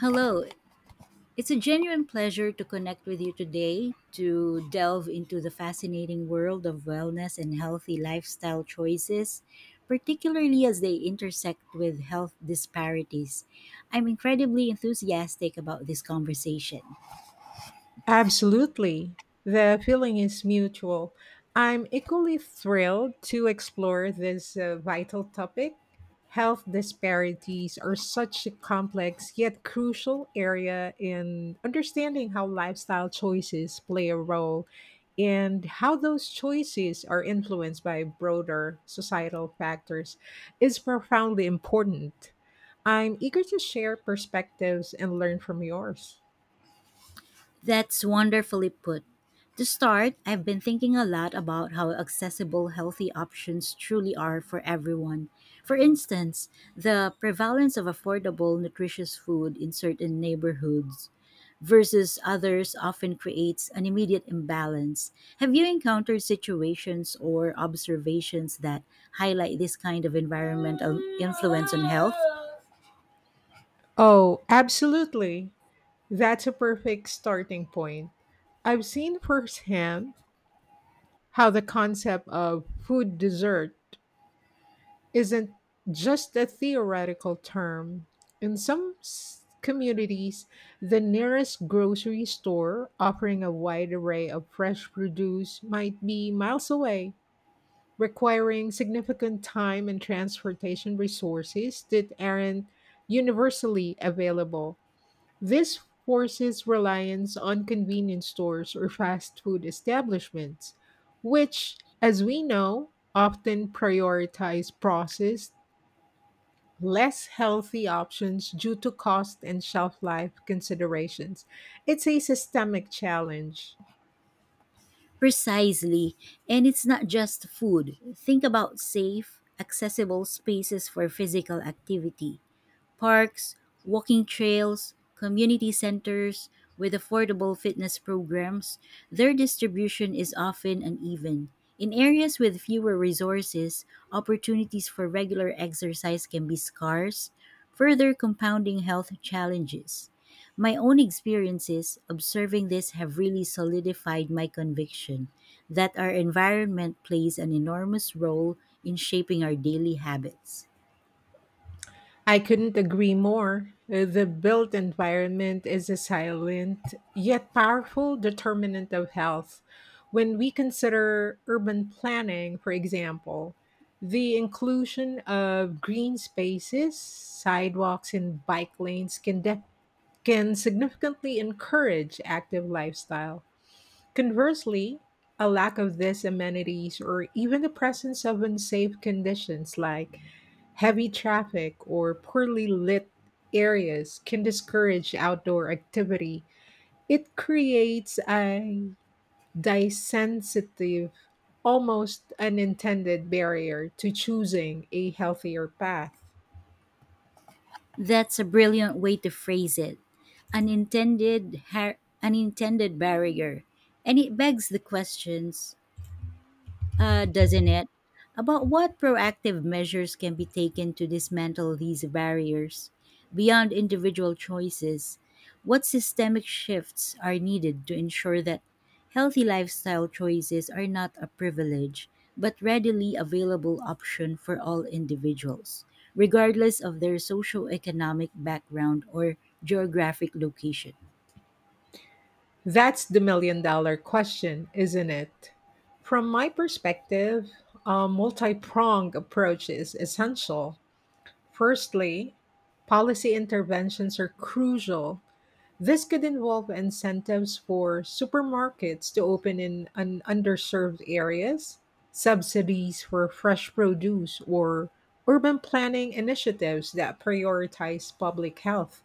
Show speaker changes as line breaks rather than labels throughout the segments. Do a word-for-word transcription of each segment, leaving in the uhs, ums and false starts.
Hello. It's a genuine pleasure to connect with you today to delve into the fascinating world of wellness and healthy lifestyle choices, particularly as they intersect with health disparities. I'm incredibly enthusiastic about this conversation.
Absolutely. The feeling is mutual. I'm equally thrilled to explore this uh, vital topic. Health disparities are such a complex yet crucial area in understanding how lifestyle choices play a role, and how those choices are influenced by broader societal factors is profoundly important. I'm eager to share perspectives and learn from yours.
That's wonderfully put. To start, I've been thinking a lot about how accessible healthy options truly are for everyone. For instance, the prevalence of affordable, nutritious food in certain neighborhoods versus others often creates an immediate imbalance. Have you encountered situations or observations that highlight this kind of environmental influence on health?
Oh, absolutely. That's a perfect starting point. I've seen firsthand how the concept of food dessert isn't just a theoretical term. In some s- communities, the nearest grocery store offering a wide array of fresh produce might be miles away, requiring significant time and transportation resources that aren't universally available. This forces reliance on convenience stores or fast food establishments, which, as we know, often prioritize processed, less healthy options due to cost and shelf life considerations. It's a systemic challenge.
Precisely. And it's not just food. Think about safe, accessible spaces for physical activity parks, walking trails, community centers with affordable fitness programs, their distribution is often uneven. In areas with fewer resources, opportunities for regular exercise can be scarce, further compounding health challenges. My own experiences observing this have really solidified my conviction that our environment plays an enormous role in shaping our daily habits.
I couldn't agree more. Uh, The built environment is a silent yet powerful determinant of health. When we consider urban planning, for example, the inclusion of green spaces, sidewalks, and bike lanes can, def- can significantly encourage active lifestyle. Conversely, a lack of these amenities or even the presence of unsafe conditions like heavy traffic or poorly lit areas can discourage outdoor activity. It creates a disensitive, almost unintended barrier to choosing a healthier path.
That's a brilliant way to phrase it. Unintended, har- unintended barrier. And it begs the questions uh, doesn't it? About what proactive measures can be taken to dismantle these barriers beyond individual choices? What systemic shifts are needed to ensure that healthy lifestyle choices are not a privilege but readily available option for all individuals, regardless of their socioeconomic background or geographic location?
That's the million dollar question, isn't it? From my perspective, a multi pronged approach is essential. Firstly, policy interventions are crucial. This could involve incentives for supermarkets to open in un- underserved areas, subsidies for fresh produce, or urban planning initiatives that prioritize public health.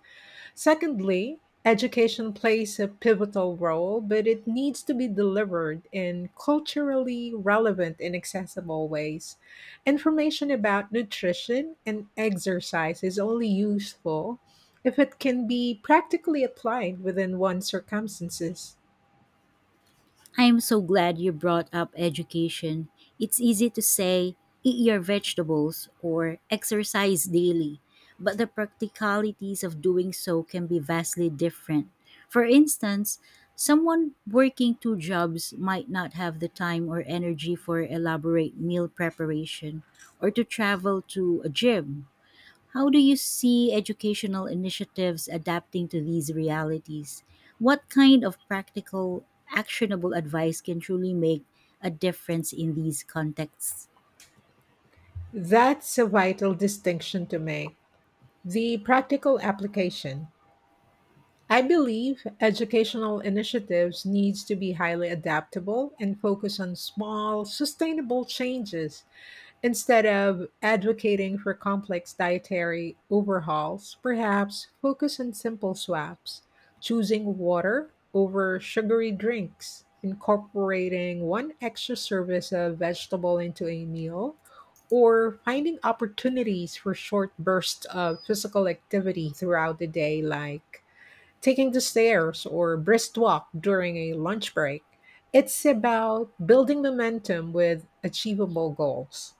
Secondly, education plays a pivotal role, but it needs to be delivered in culturally relevant and accessible ways. Information about nutrition and exercise is only useful if it can be practically applied within one's circumstances.
I'm so glad you brought up education. It's easy to say, eat your vegetables or exercise daily, but the practicalities of doing so can be vastly different. For instance, someone working two jobs might not have the time or energy for elaborate meal preparation or to travel to a gym. How do you see educational initiatives adapting to these realities? What kind of practical, actionable advice can truly make a difference in these contexts?
That's a vital distinction to make the practical application. I believe educational initiatives needs to be highly adaptable and focus on small sustainable changes instead of advocating for complex dietary overhauls. Perhaps focus on simple swaps, choosing water over sugary drinks, incorporating one extra service of vegetable into a meal, or finding opportunities for short bursts of physical activity throughout the day like taking the stairs or brisk walk during a lunch break. It's about building momentum with achievable goals.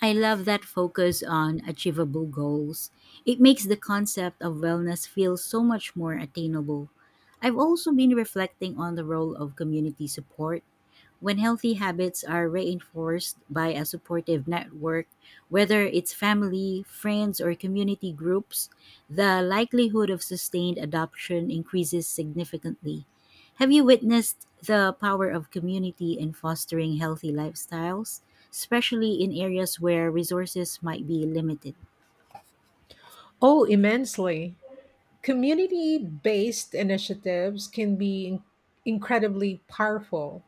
I love that focus on achievable goals. It makes the concept of wellness feel so much more attainable. I've also been reflecting on the role of community support. When healthy habits are reinforced by a supportive network, whether it's family, friends, or community groups, the likelihood of sustained adoption increases significantly. Have you witnessed the power of community in fostering healthy lifestyles, especially in areas where resources might be limited?
Oh, immensely. Community based initiatives can be in- incredibly powerful.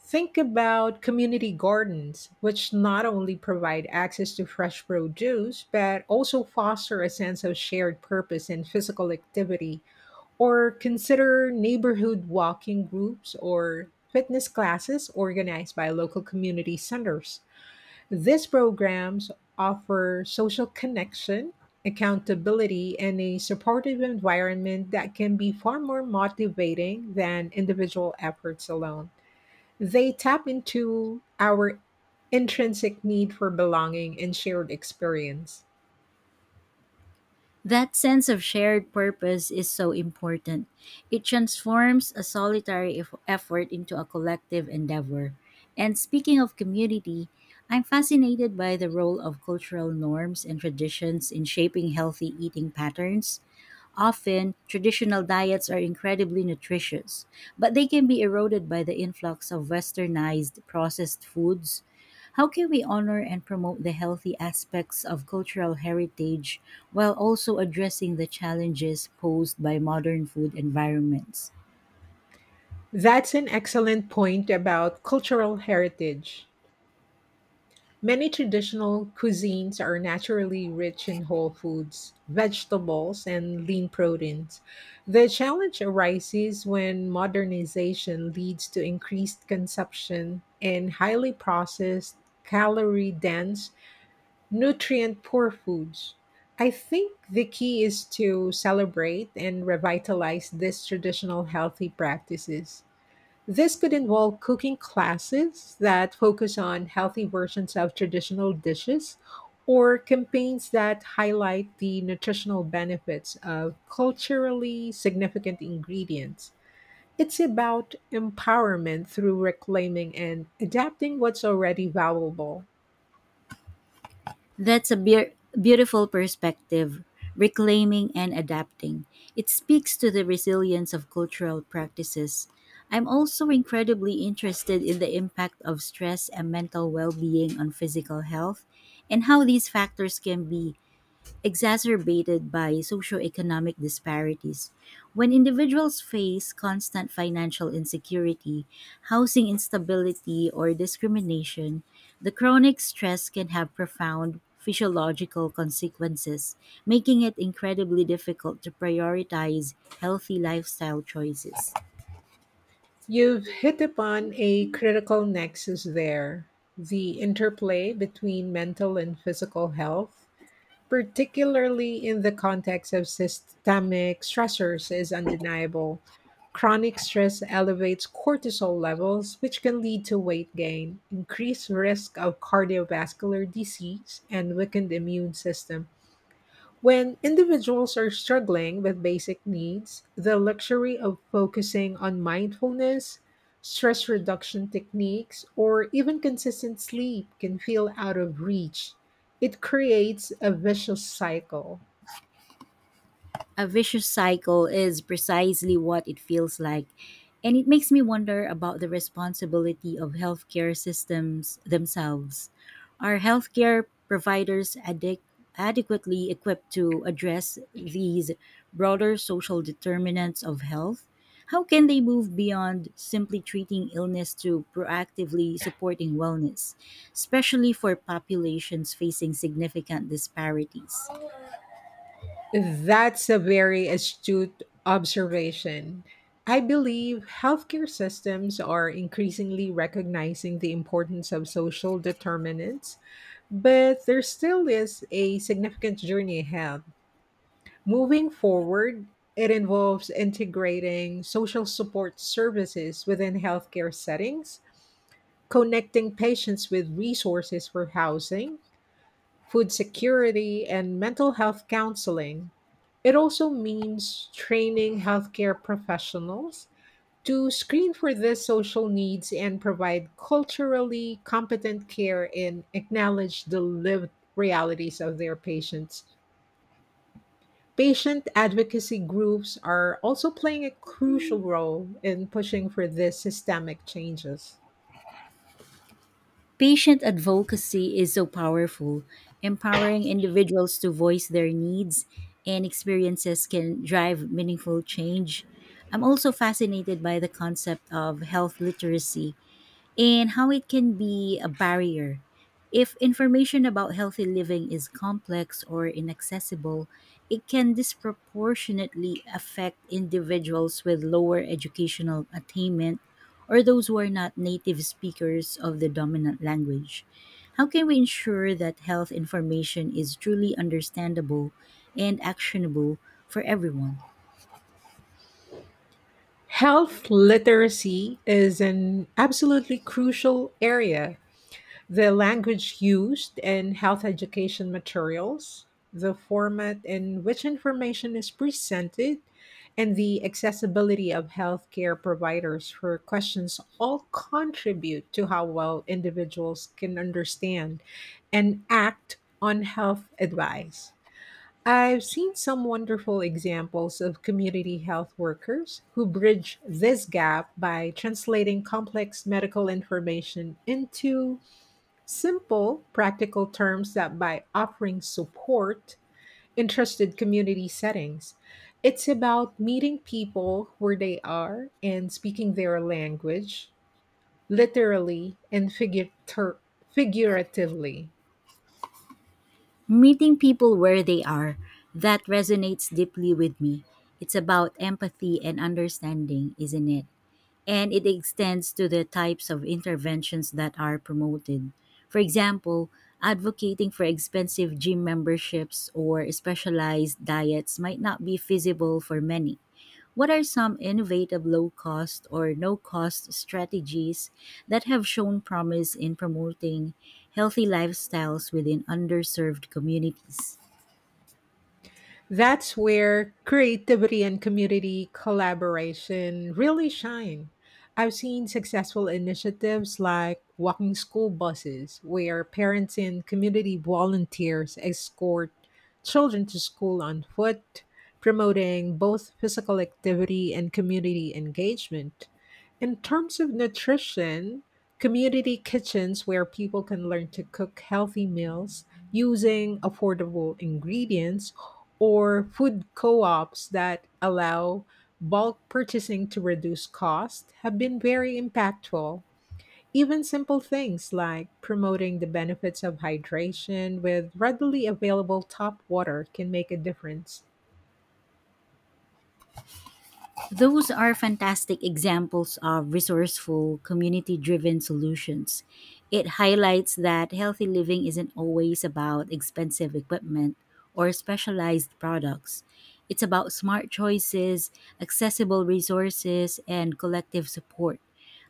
Think about community gardens, which not only provide access to fresh produce, but also foster a sense of shared purpose and physical activity. Or consider neighborhood walking groups or fitness classes organized by local community centers. These programs offer social connection, accountability, and a supportive environment that can be far more motivating than individual efforts alone. They tap into our intrinsic need for belonging and shared experience.
That sense of shared purpose is so important. It transforms a solitary eff- effort into a collective endeavor. And speaking of community, I'm fascinated by the role of cultural norms and traditions in shaping healthy eating patterns. Often, traditional diets are incredibly nutritious, but they can be eroded by the influx of westernized processed foods. How can we honor and promote the healthy aspects of cultural heritage while also addressing the challenges posed by modern food environments?
That's an excellent point about cultural heritage. Many traditional cuisines are naturally rich in whole foods, vegetables, and lean proteins. The challenge arises when modernization leads to increased consumption and highly processed, calorie dense, nutrient poor foods. I think the key is to celebrate and revitalize these traditional healthy practices. This could involve cooking classes that focus on healthy versions of traditional dishes or campaigns that highlight the nutritional benefits of culturally significant ingredients. It's about empowerment through reclaiming and adapting what's already valuable.
That's a beau- beautiful perspective, reclaiming and adapting. It speaks to the resilience of cultural practices. I'm also incredibly interested in the impact of stress and mental well being on physical health and how these factors can be exacerbated by socioeconomic disparities. When individuals face constant financial insecurity, housing instability, or discrimination, the chronic stress can have profound physiological consequences, making it incredibly difficult to prioritize healthy lifestyle choices.
You've hit upon a critical nexus there, the interplay between mental and physical health, particularly in the context of systemic stressors, is undeniable. Chronic stress elevates cortisol levels, which can lead to weight gain, increased risk of cardiovascular disease, and weakened immune system. When individuals are struggling with basic needs, the luxury of focusing on mindfulness, stress reduction techniques, or even consistent sleep can feel out of reach. It creates a vicious cycle.
A vicious cycle is precisely what it feels like, and it makes me wonder about the responsibility of healthcare systems themselves. Are healthcare providers adequ- adequately equipped to address these broader social determinants of health? How can they move beyond simply treating illness to proactively supporting wellness, especially for populations facing significant disparities?
That's a very astute observation. I believe healthcare systems are increasingly recognizing the importance of social determinants, but there still is a significant journey ahead. Moving forward, it involves integrating social support services within healthcare settings, connecting patients with resources for housing, food security, and mental health counseling. It also means training healthcare professionals to screen for these social needs and provide culturally competent care and acknowledge the lived realities of their patients. Patient advocacy groups are also playing a crucial role in pushing for these systemic changes.
Patient advocacy is so powerful. Empowering individuals to voice their needs and experiences can drive meaningful change. I'm also fascinated by the concept of health literacy and how it can be a barrier. If information about healthy living is complex or inaccessible, it can disproportionately affect individuals with lower educational attainment or those who are not native speakers of the dominant language. How can we ensure that health information is truly understandable and actionable for everyone?
Health literacy is an absolutely crucial area. The language used and health education materials, the format in which information is presented, and the accessibility of healthcare providers for questions all contribute to how well individuals can understand and act on health advice. I've seen some wonderful examples of community health workers who bridge this gap by translating complex medical information into simple, practical terms that by offering support in trusted community settings, it's about meeting people where they are and speaking their language, literally and figurator- figuratively.
Meeting people where they are, that resonates deeply with me. It's about empathy and understanding, isn't it? And it extends to the types of interventions that are promoted. For example, advocating for expensive gym memberships or specialized diets might not be feasible for many. What are some innovative low cost or no cost strategies that have shown promise in promoting healthy lifestyles within underserved communities?
That's where creativity and community collaboration really shine. I've seen successful initiatives like walking school buses, where parents and community volunteers escort children to school on foot, promoting both physical activity and community engagement. In terms of nutrition, community kitchens where people can learn to cook healthy meals using affordable ingredients or food co-ops that allow bulk purchasing to reduce cost have been very impactful. Even simple things like promoting the benefits of hydration with readily available tap water can make a difference.
Those are fantastic examples of resourceful, community driven solutions. It highlights that healthy living isn't always about expensive equipment or specialized products. It's about smart choices, accessible resources, and collective support.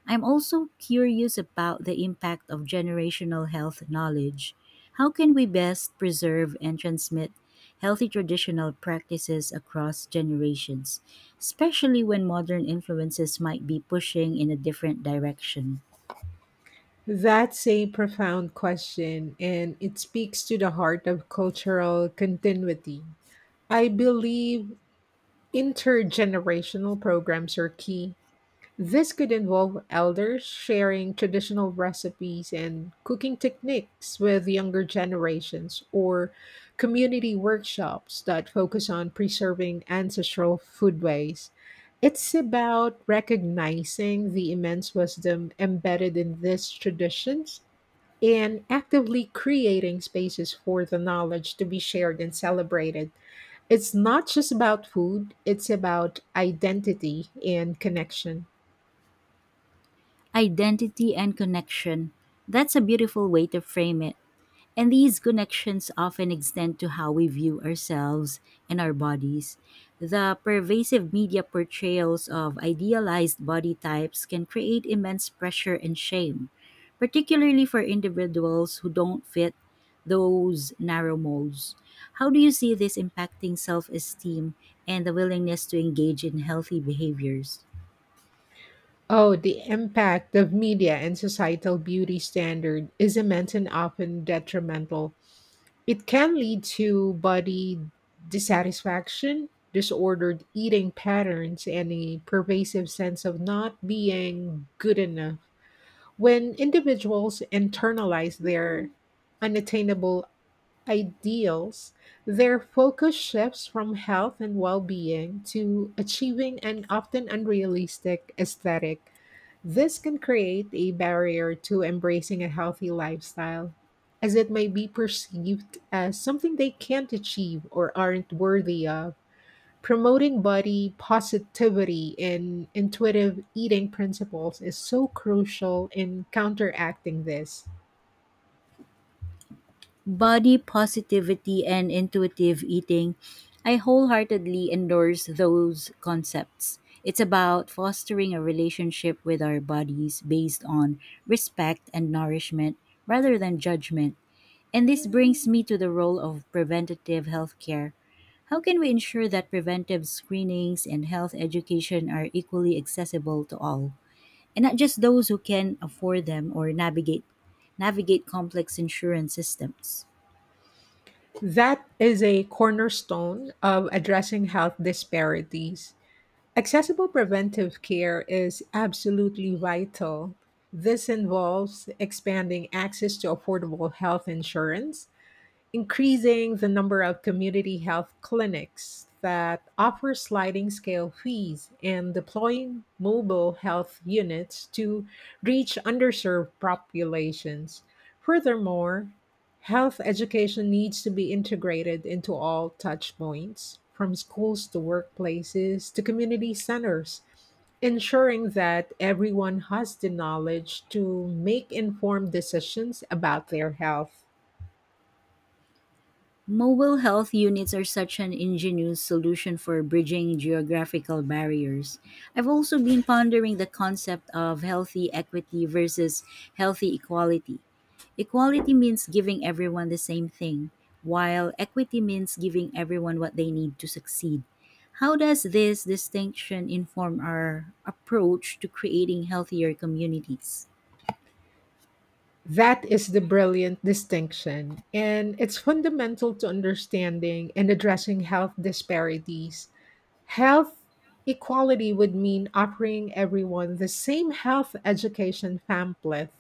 I'm also curious about the impact of generational health knowledge. How can we best preserve and transmit healthy traditional practices across generations, especially when modern influences might be pushing in a different direction?
That's a profound question, and it speaks to the heart of cultural continuity. I believe intergenerational programs are key. This could involve elders sharing traditional recipes and cooking techniques with younger generations, or community workshops that focus on preserving ancestral foodways. It's about recognizing the immense wisdom embedded in these traditions and actively creating spaces for the knowledge to be shared and celebrated. It's not just about food, it's about identity and connection.
Identity and connection. That's a beautiful way to frame it. And these connections often extend to how we view ourselves and our bodies. The pervasive media portrayals of idealized body types can create immense pressure and shame, particularly for individuals who don't fit those narrow molds. How do you see this impacting self esteem and the willingness to engage in healthy behaviors?
Oh, the impact of media and societal beauty standard is immense and often detrimental. It can lead to body dissatisfaction, disordered eating patterns, and a pervasive sense of not being good enough. When individuals internalize their unattainable ideals, their focus shifts from health and well being to achieving an often unrealistic aesthetic. This can create a barrier to embracing a healthy lifestyle, as it may be perceived as something they can't achieve or aren't worthy of. Promoting body positivity and intuitive eating principles is so crucial in counteracting this.
Body positivity and intuitive eating, I wholeheartedly endorse those concepts. It's about fostering a relationship with our bodies based on respect and nourishment rather than judgment. And this brings me to the role of preventative healthcare. How can we ensure that preventive screenings and health education are equally accessible to all, and not just those who can afford them or navigate navigate complex insurance systems?
That is a cornerstone of addressing health disparities. Accessible preventive care is absolutely vital. This involves expanding access to affordable health insurance, increasing the number of community health clinics that offer sliding scale fees and deploying mobile health units to reach underserved populations. Furthermore, health education needs to be integrated into all touchpoints, from schools to workplaces to community centers, ensuring that everyone has the knowledge to make informed decisions about their health.
Mobile health units are such an ingenious solution for bridging geographical barriers. I've also been pondering the concept of healthy equity versus healthy equality. Equality means giving everyone the same thing, while equity means giving everyone what they need to succeed. How does this distinction inform our approach to creating healthier communities?
That is the brilliant distinction, and it's fundamental to understanding and addressing health disparities. Health equality would mean offering everyone the same health education pamphlet.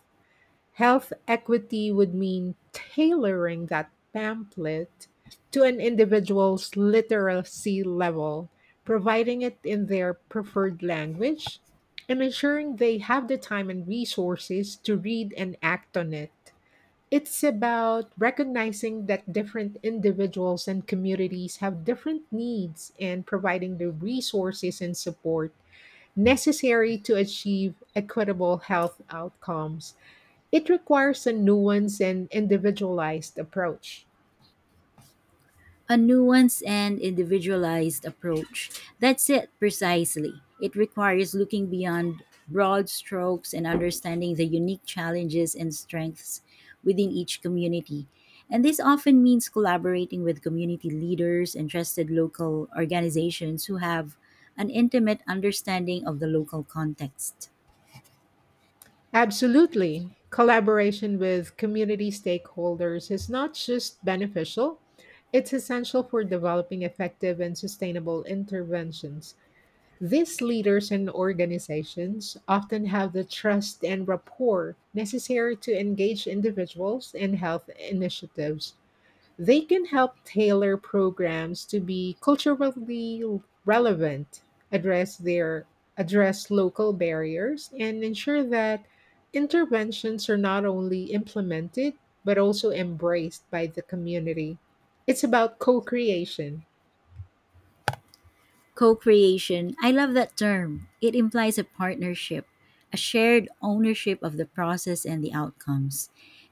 Health equity would mean tailoring that pamphlet to an individual's literacy level, providing it in their preferred language, and ensuring they have the time and resources to read and act on it. It's about recognizing that different individuals and communities have different needs and providing the resources and support necessary to achieve equitable health outcomes. It requires a nuanced and individualized approach.
A nuanced and individualized approach. That's it precisely. It requires looking beyond broad strokes and understanding the unique challenges and strengths within each community. And this often means collaborating with community leaders and trusted local organizations who have an intimate understanding of the local context.
Absolutely. Collaboration with community stakeholders is not just beneficial, it's essential for developing effective and sustainable interventions. These leaders and organizations often have the trust and rapport necessary to engage individuals in health initiatives. They can help tailor programs to be culturally relevant, address their address local barriers, and ensure that interventions are not only implemented but also embraced by the community. It's about co-creation.
Co creation, I love that term. It implies a partnership, a shared ownership of the process and the outcomes.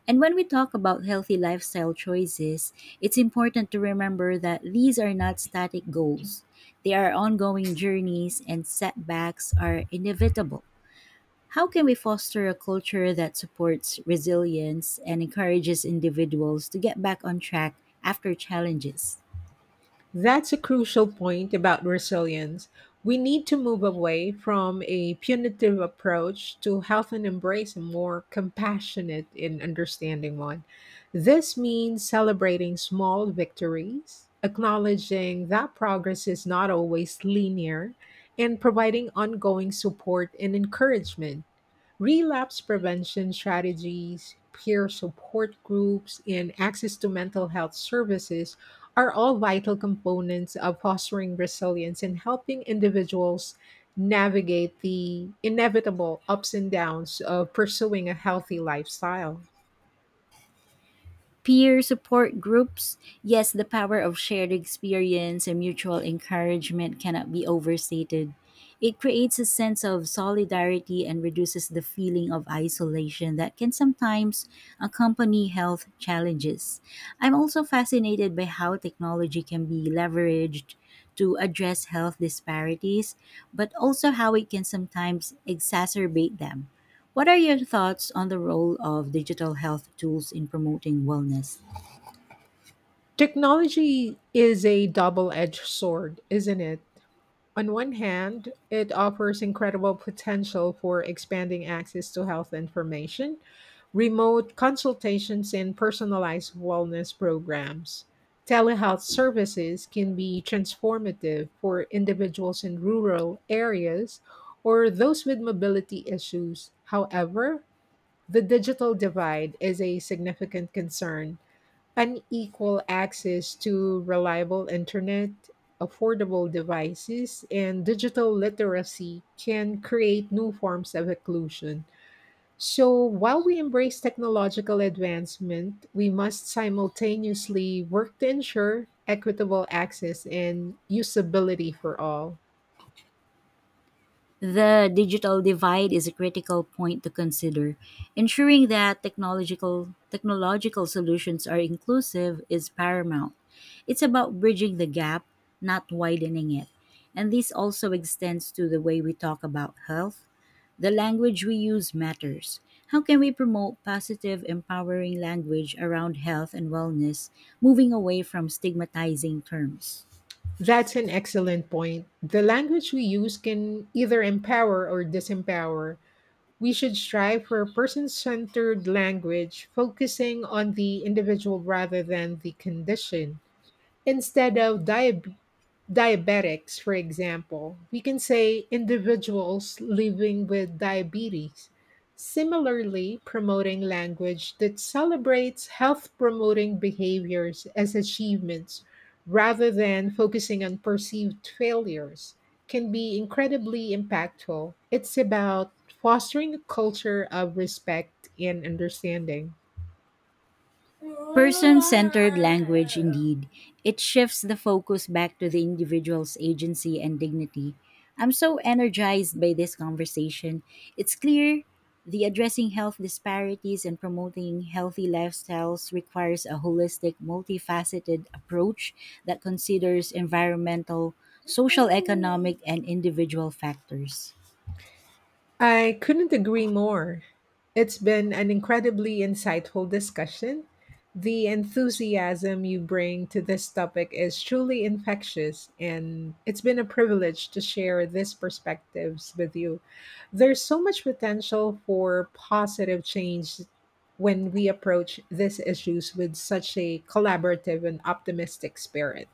And when we talk about healthy lifestyle choices, it's important to remember that these are not static goals. They are ongoing journeys, and setbacks are inevitable. How can we foster a culture that supports resilience and encourages individuals to get back on track after challenges?
That's a crucial point about resilience. We need to move away from a punitive approach to health and embrace a more compassionate and understanding one. This means celebrating small victories, acknowledging that progress is not always linear, and providing ongoing support and encouragement. Relapse prevention strategies, peer support groups, and access to mental health services are all vital components of fostering resilience and helping individuals navigate the inevitable ups and downs of pursuing a healthy lifestyle.
Peer support groups, yes, the power of shared experience and mutual encouragement cannot be overstated. It creates a sense of solidarity and reduces the feeling of isolation that can sometimes accompany health challenges. I'm also fascinated by how technology can be leveraged to address health disparities, but also how it can sometimes exacerbate them. What are your thoughts on the role of digital health tools in promoting wellness?
Technology is a double edged sword, isn't it? On one hand, it offers incredible potential for expanding access to health information, remote consultations, and personalized wellness programs. Telehealth services can be transformative for individuals in rural areas or those with mobility issues. However, the digital divide is a significant concern, unequal access to reliable internet, affordable devices, and digital literacy can create new forms of exclusion. So, while we embrace technological advancement, we must simultaneously work to ensure equitable access and usability for all.
The digital divide is a critical point to consider. Ensuring that technological technological solutions are inclusive is paramount. It's about bridging the gap, not widening it. And this also extends to the way we talk about health. The language we use matters. How can we promote positive, empowering language around health and wellness, moving away from stigmatizing terms?
That's an excellent point. The language we use can either empower or disempower. We should strive for a person centered language, focusing on the individual rather than the condition. Instead of dia- diabetics, for example, we can say individuals living with diabetes, similarly promoting language that celebrates health promoting behaviors as achievements rather than focusing on perceived failures can be incredibly impactful. It's about fostering a culture of respect and understanding.
Person centered language, indeed. It shifts the focus back to the individual's agency and dignity. I'm so energized by this conversation. It's clear the addressing health disparities and promoting healthy lifestyles requires a holistic, multifaceted approach that considers environmental, social, economic, and individual factors.
I couldn't agree more. It's been an incredibly insightful discussion. The enthusiasm you bring to this topic is truly infectious, and it's been a privilege to share these perspectives with you. There's so much potential for positive change when we approach these issues with such a collaborative and optimistic spirit.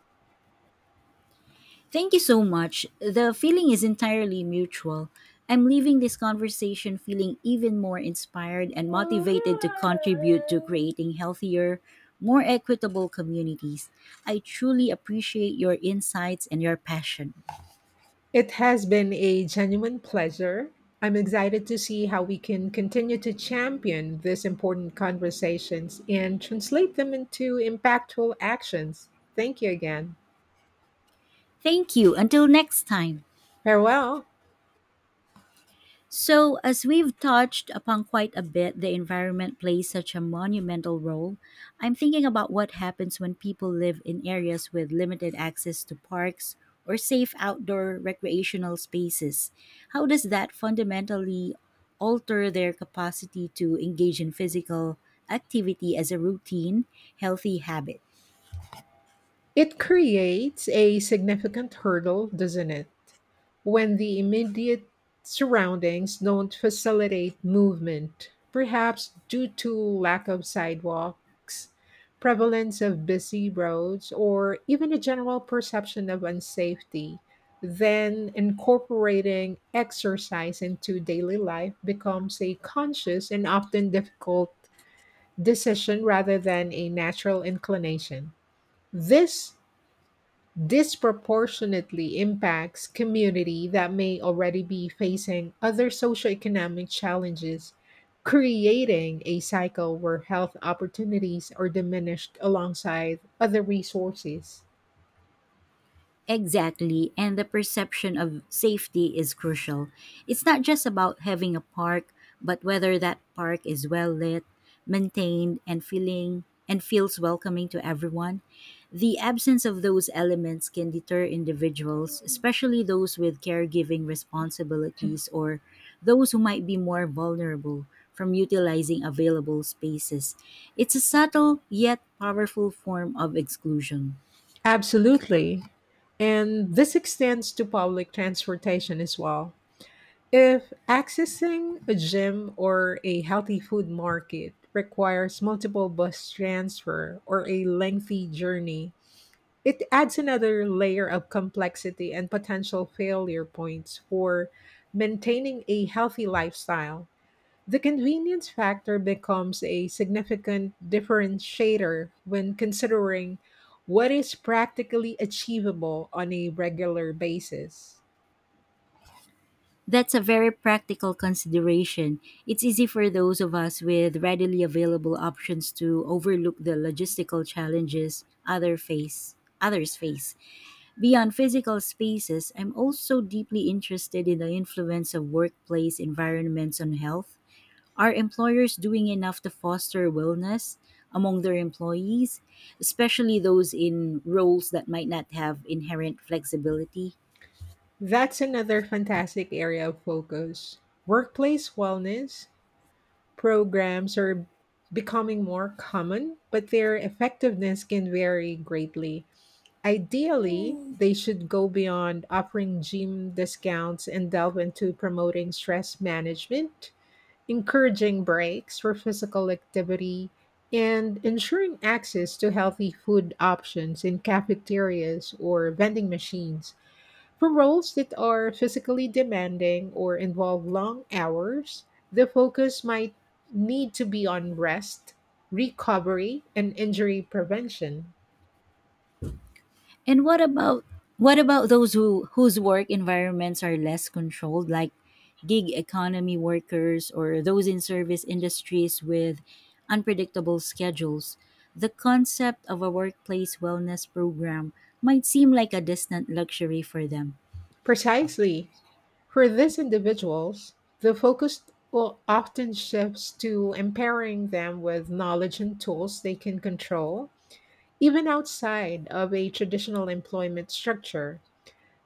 Thank you so much. The feeling is entirely mutual. I'm leaving this conversation feeling even more inspired and motivated to contribute to creating healthier, more equitable communities. I truly appreciate your insights and your passion.
It has been a genuine pleasure. I'm excited to see how we can continue to champion these important conversations and translate them into impactful actions. Thank you again.
Thank you. Until next time.
Farewell.
So, as we've touched upon quite a bit, the environment plays such a monumental role. I'm thinking about what happens when people live in areas with limited access to parks or safe outdoor recreational spaces. How does that fundamentally alter their capacity to engage in physical activity as a routine, healthy habit?
It creates a significant hurdle, doesn't it, when the immediate surroundings don't facilitate movement, perhaps due to lack of sidewalks, prevalence of busy roads, or even a general perception of unsafety. Then incorporating exercise into daily life becomes a conscious and often difficult decision rather than a natural inclination. This disproportionately impacts community that may already be facing other socioeconomic challenges, creating a cycle where health opportunities are diminished alongside other resources.
Exactly, and the perception of safety is crucial. It's not just about having a park, but whether that park is well lit, maintained, and feeling and feels welcoming to everyone. The absence of those elements can deter individuals, especially those with caregiving responsibilities or those who might be more vulnerable from utilizing available spaces. It's a subtle yet powerful form of exclusion.
Absolutely. And this extends to public transportation as well. If accessing a gym or a healthy food market requires multiple bus transfer or a lengthy journey, it adds another layer of complexity and potential failure points for maintaining a healthy lifestyle. The convenience factor becomes a significant differentiator when considering what is practically achievable on a regular basis.
That's a very practical consideration. It's easy for those of us with readily available options to overlook the logistical challenges other face others face. Beyond physical spaces, I'm also deeply interested in the influence of workplace environments on health. Are employers doing enough to foster wellness among their employees, especially those in roles that might not have inherent flexibility?
That's another fantastic area of focus. Workplace wellness programs are becoming more common, but their effectiveness can vary greatly. Ideally, they should go beyond offering gym discounts and delve into promoting stress management, encouraging breaks for physical activity, and ensuring access to healthy food options in cafeterias or vending machines. For roles that are physically demanding or involve long hours, the focus might need to be on rest, recovery, and injury prevention.
And what about what about those who whose work environments are less controlled, like gig economy workers or those in service industries with unpredictable schedules? The concept of a workplace wellness program might seem like a distant luxury for them.
Precisely. For these individuals, the focus o- often shifts to empowering them with knowledge and tools they can control, even outside of a traditional employment structure.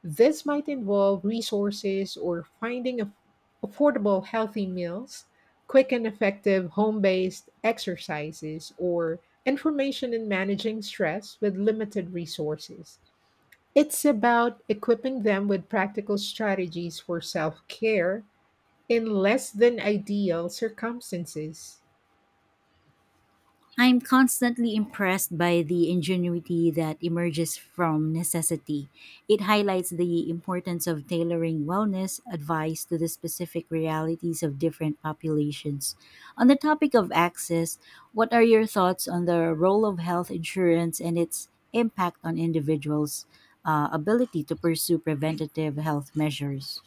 This might involve resources or finding aff- affordable, healthy meals, quick and effective home based exercises, or information in managing stress with limited resources. It's about equipping them with practical strategies for self care in less than ideal circumstances.
I'm constantly impressed by the ingenuity that emerges from necessity. It highlights the importance of tailoring wellness advice to the specific realities of different populations. On the topic of access, what are your thoughts on the role of health insurance and its impact on individuals' uh, ability to pursue preventative health measures?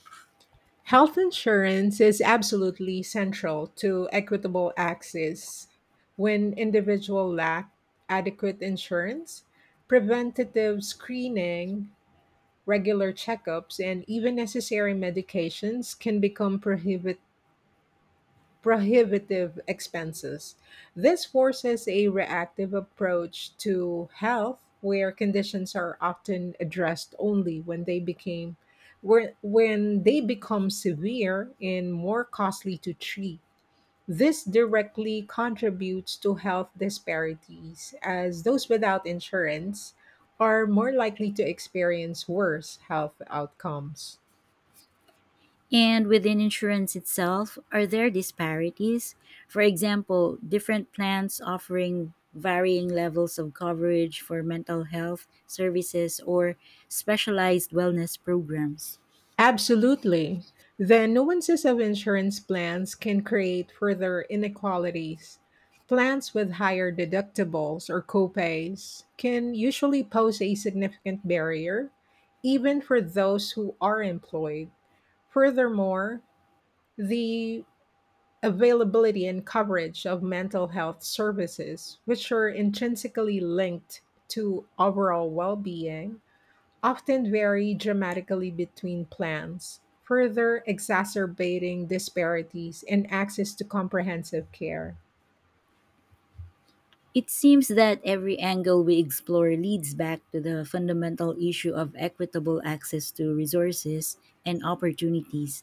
Health insurance is absolutely central to equitable access. When individuals lack adequate insurance, preventative screening, regular checkups, and even necessary medications can become prohibitive prohibitive expenses. This forces a reactive approach to health where conditions are often addressed only when they became where, when they become severe and more costly to treat. This directly contributes to health disparities as those without insurance are more likely to experience worse health outcomes.
And within insurance itself, are there disparities? For example, different plans offering varying levels of coverage for mental health services or specialized wellness programs.
Absolutely. The nuances of insurance plans can create further inequalities. Plans with higher deductibles or copays can usually pose a significant barrier, even for those who are employed. Furthermore, the availability and coverage of mental health services, which are intrinsically linked to overall well being, often vary dramatically between plans, further exacerbating disparities in access to comprehensive care.
It seems that every angle we explore leads back to the fundamental issue of equitable access to resources and opportunities.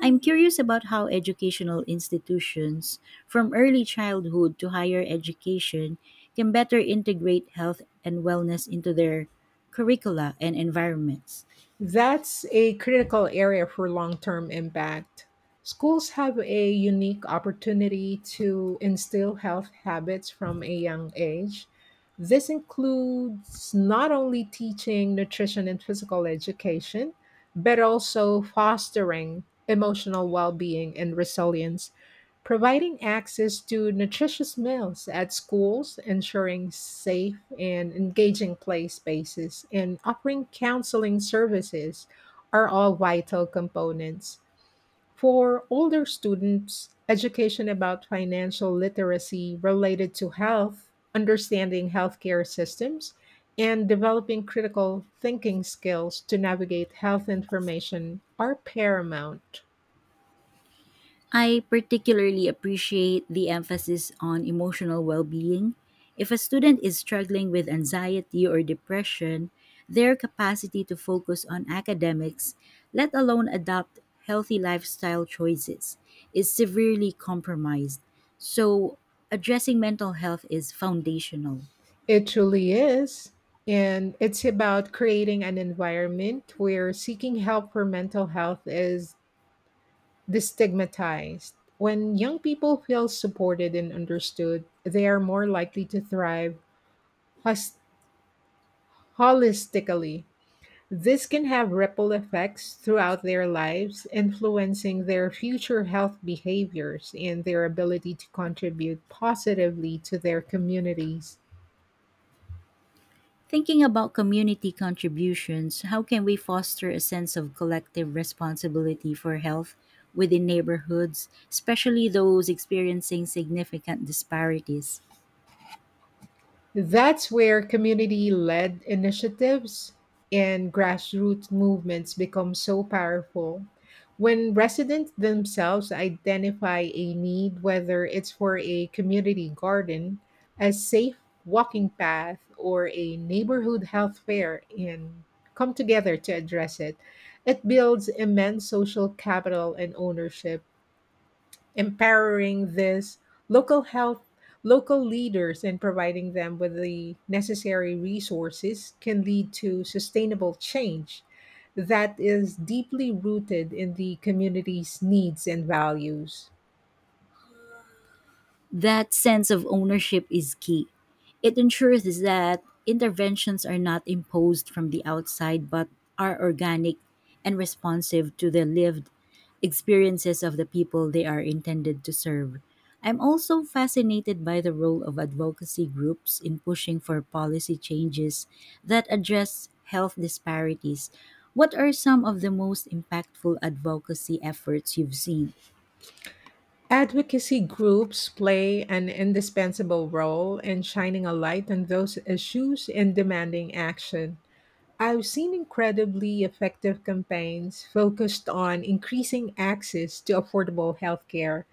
I'm curious about how educational institutions, from early childhood to higher education, can better integrate health and wellness into their curricula and environments.
That's a critical area for long term impact. Schools have a unique opportunity to instill health habits from a young age. This includes not only teaching nutrition and physical education, but also fostering emotional well being and resilience. Providing access to nutritious meals at schools, ensuring safe and engaging play spaces, and offering counseling services are all vital components. For older students, education about financial literacy related to health, understanding healthcare systems, and developing critical thinking skills to navigate health information are paramount.
I particularly appreciate the emphasis on emotional well being. If a student is struggling with anxiety or depression, their capacity to focus on academics, let alone adopt healthy lifestyle choices, is severely compromised. So, addressing mental health is foundational.
It truly is. And it's about creating an environment where seeking help for mental health is destigmatized. When young people feel supported and understood, they are more likely to thrive hos- holistically. This can have ripple effects throughout their lives, influencing their future health behaviors and their ability to contribute positively to their communities.
Thinking about community contributions, how can we foster a sense of collective responsibility for health within neighborhoods, especially those experiencing significant disparities?
That's where community led initiatives and grassroots movements become so powerful. When residents themselves identify a need, whether it's for a community garden, a safe walking path, or a neighborhood health fair, and come together to address it, it builds immense social capital and ownership, empowering this local health local leaders and providing them with the necessary resources can lead to sustainable change that is deeply rooted in the community's needs and values.
That sense of ownership is key. It ensures that interventions are not imposed from the outside but are organic and responsive to the lived experiences of the people they are intended to serve. I'm also fascinated by the role of advocacy groups in pushing for policy changes that address health disparities. What are some of the most impactful advocacy efforts you've seen?
Advocacy groups play an indispensable role in shining a light on those issues and demanding action. I've seen incredibly effective campaigns focused on increasing access to affordable healthcare,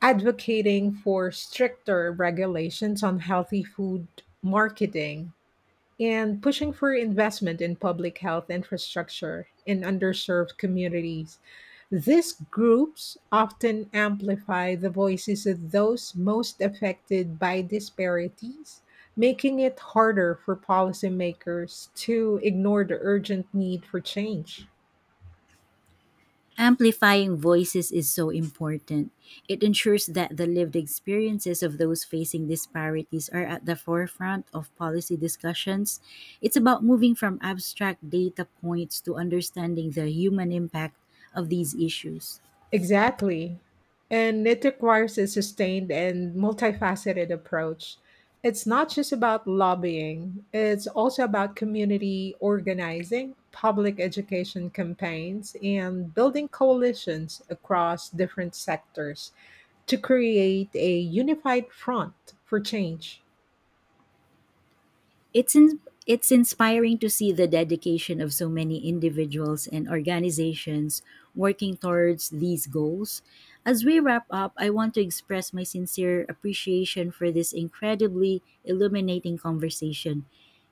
advocating for stricter regulations on healthy food marketing, and pushing for investment in public health infrastructure in underserved communities. These groups often amplify the voices of those most affected by disparities, making it harder for policymakers to ignore the urgent need for change.
Amplifying voices is so important. It ensures that the lived experiences of those facing disparities are at the forefront of policy discussions. It's about moving from abstract data points to understanding the human impact of these issues.
Exactly. And it requires a sustained and multifaceted approach. It's not just about lobbying, it's also about community organizing, public education campaigns, and building coalitions across different sectors to create a unified front for change.
It's in, it's inspiring to see the dedication of so many individuals and organizations working towards these goals. As we wrap up, I want to express my sincere appreciation for this incredibly illuminating conversation.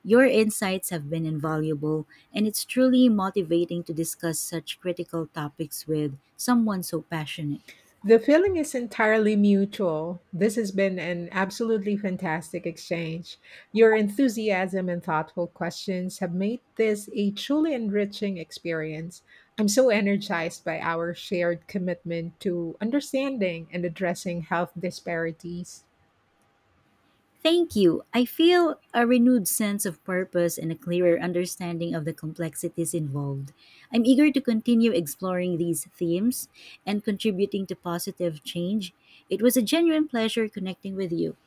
Your insights have been invaluable, and it's truly motivating to discuss such critical topics with someone so passionate.
The feeling is entirely mutual. This has been an absolutely fantastic exchange. Your enthusiasm and thoughtful questions have made this a truly enriching experience. I'm so energized by our shared commitment to understanding and addressing health disparities.
Thank you. I feel a renewed sense of purpose and a clearer understanding of the complexities involved. I'm eager to continue exploring these themes and contributing to positive change. It was a genuine pleasure connecting with you.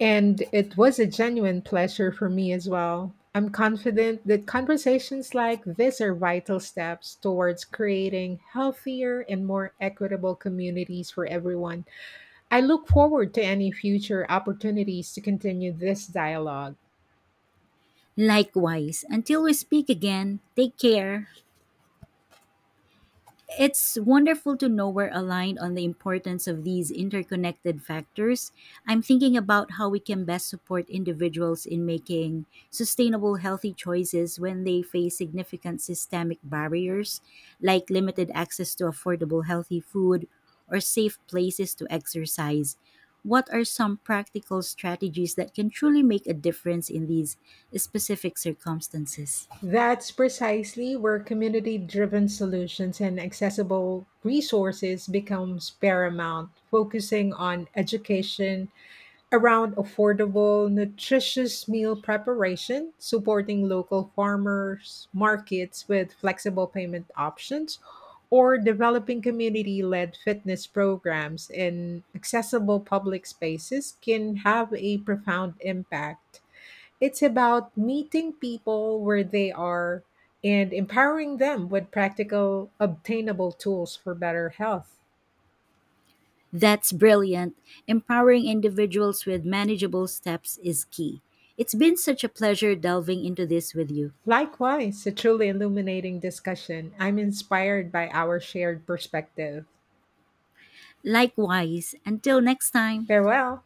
And it was a genuine pleasure for me as well. I'm confident that conversations like this are vital steps towards creating healthier and more equitable communities for everyone. I look forward to any future opportunities to continue this dialogue.
Likewise, until we speak again, take care. It's wonderful to know we're aligned on the importance of these interconnected factors. I'm thinking about how we can best support individuals in making sustainable, healthy choices when they face significant systemic barriers, like limited access to affordable, healthy food or safe places to exercise. What are some practical strategies that can truly make a difference in these specific circumstances?
That's precisely where community driven solutions and accessible resources becomes paramount, focusing on education, around affordable, nutritious meal preparation, supporting local farmers markets with flexible payment options, or developing community led fitness programs in accessible public spaces can have a profound impact. It's about meeting people where they are and empowering them with practical, obtainable tools for better health.
That's brilliant. Empowering individuals with manageable steps is key. It's been such a pleasure delving into this with you.
Likewise, a truly illuminating discussion. I'm inspired by our shared perspective.
Likewise, until next time,
Farewell.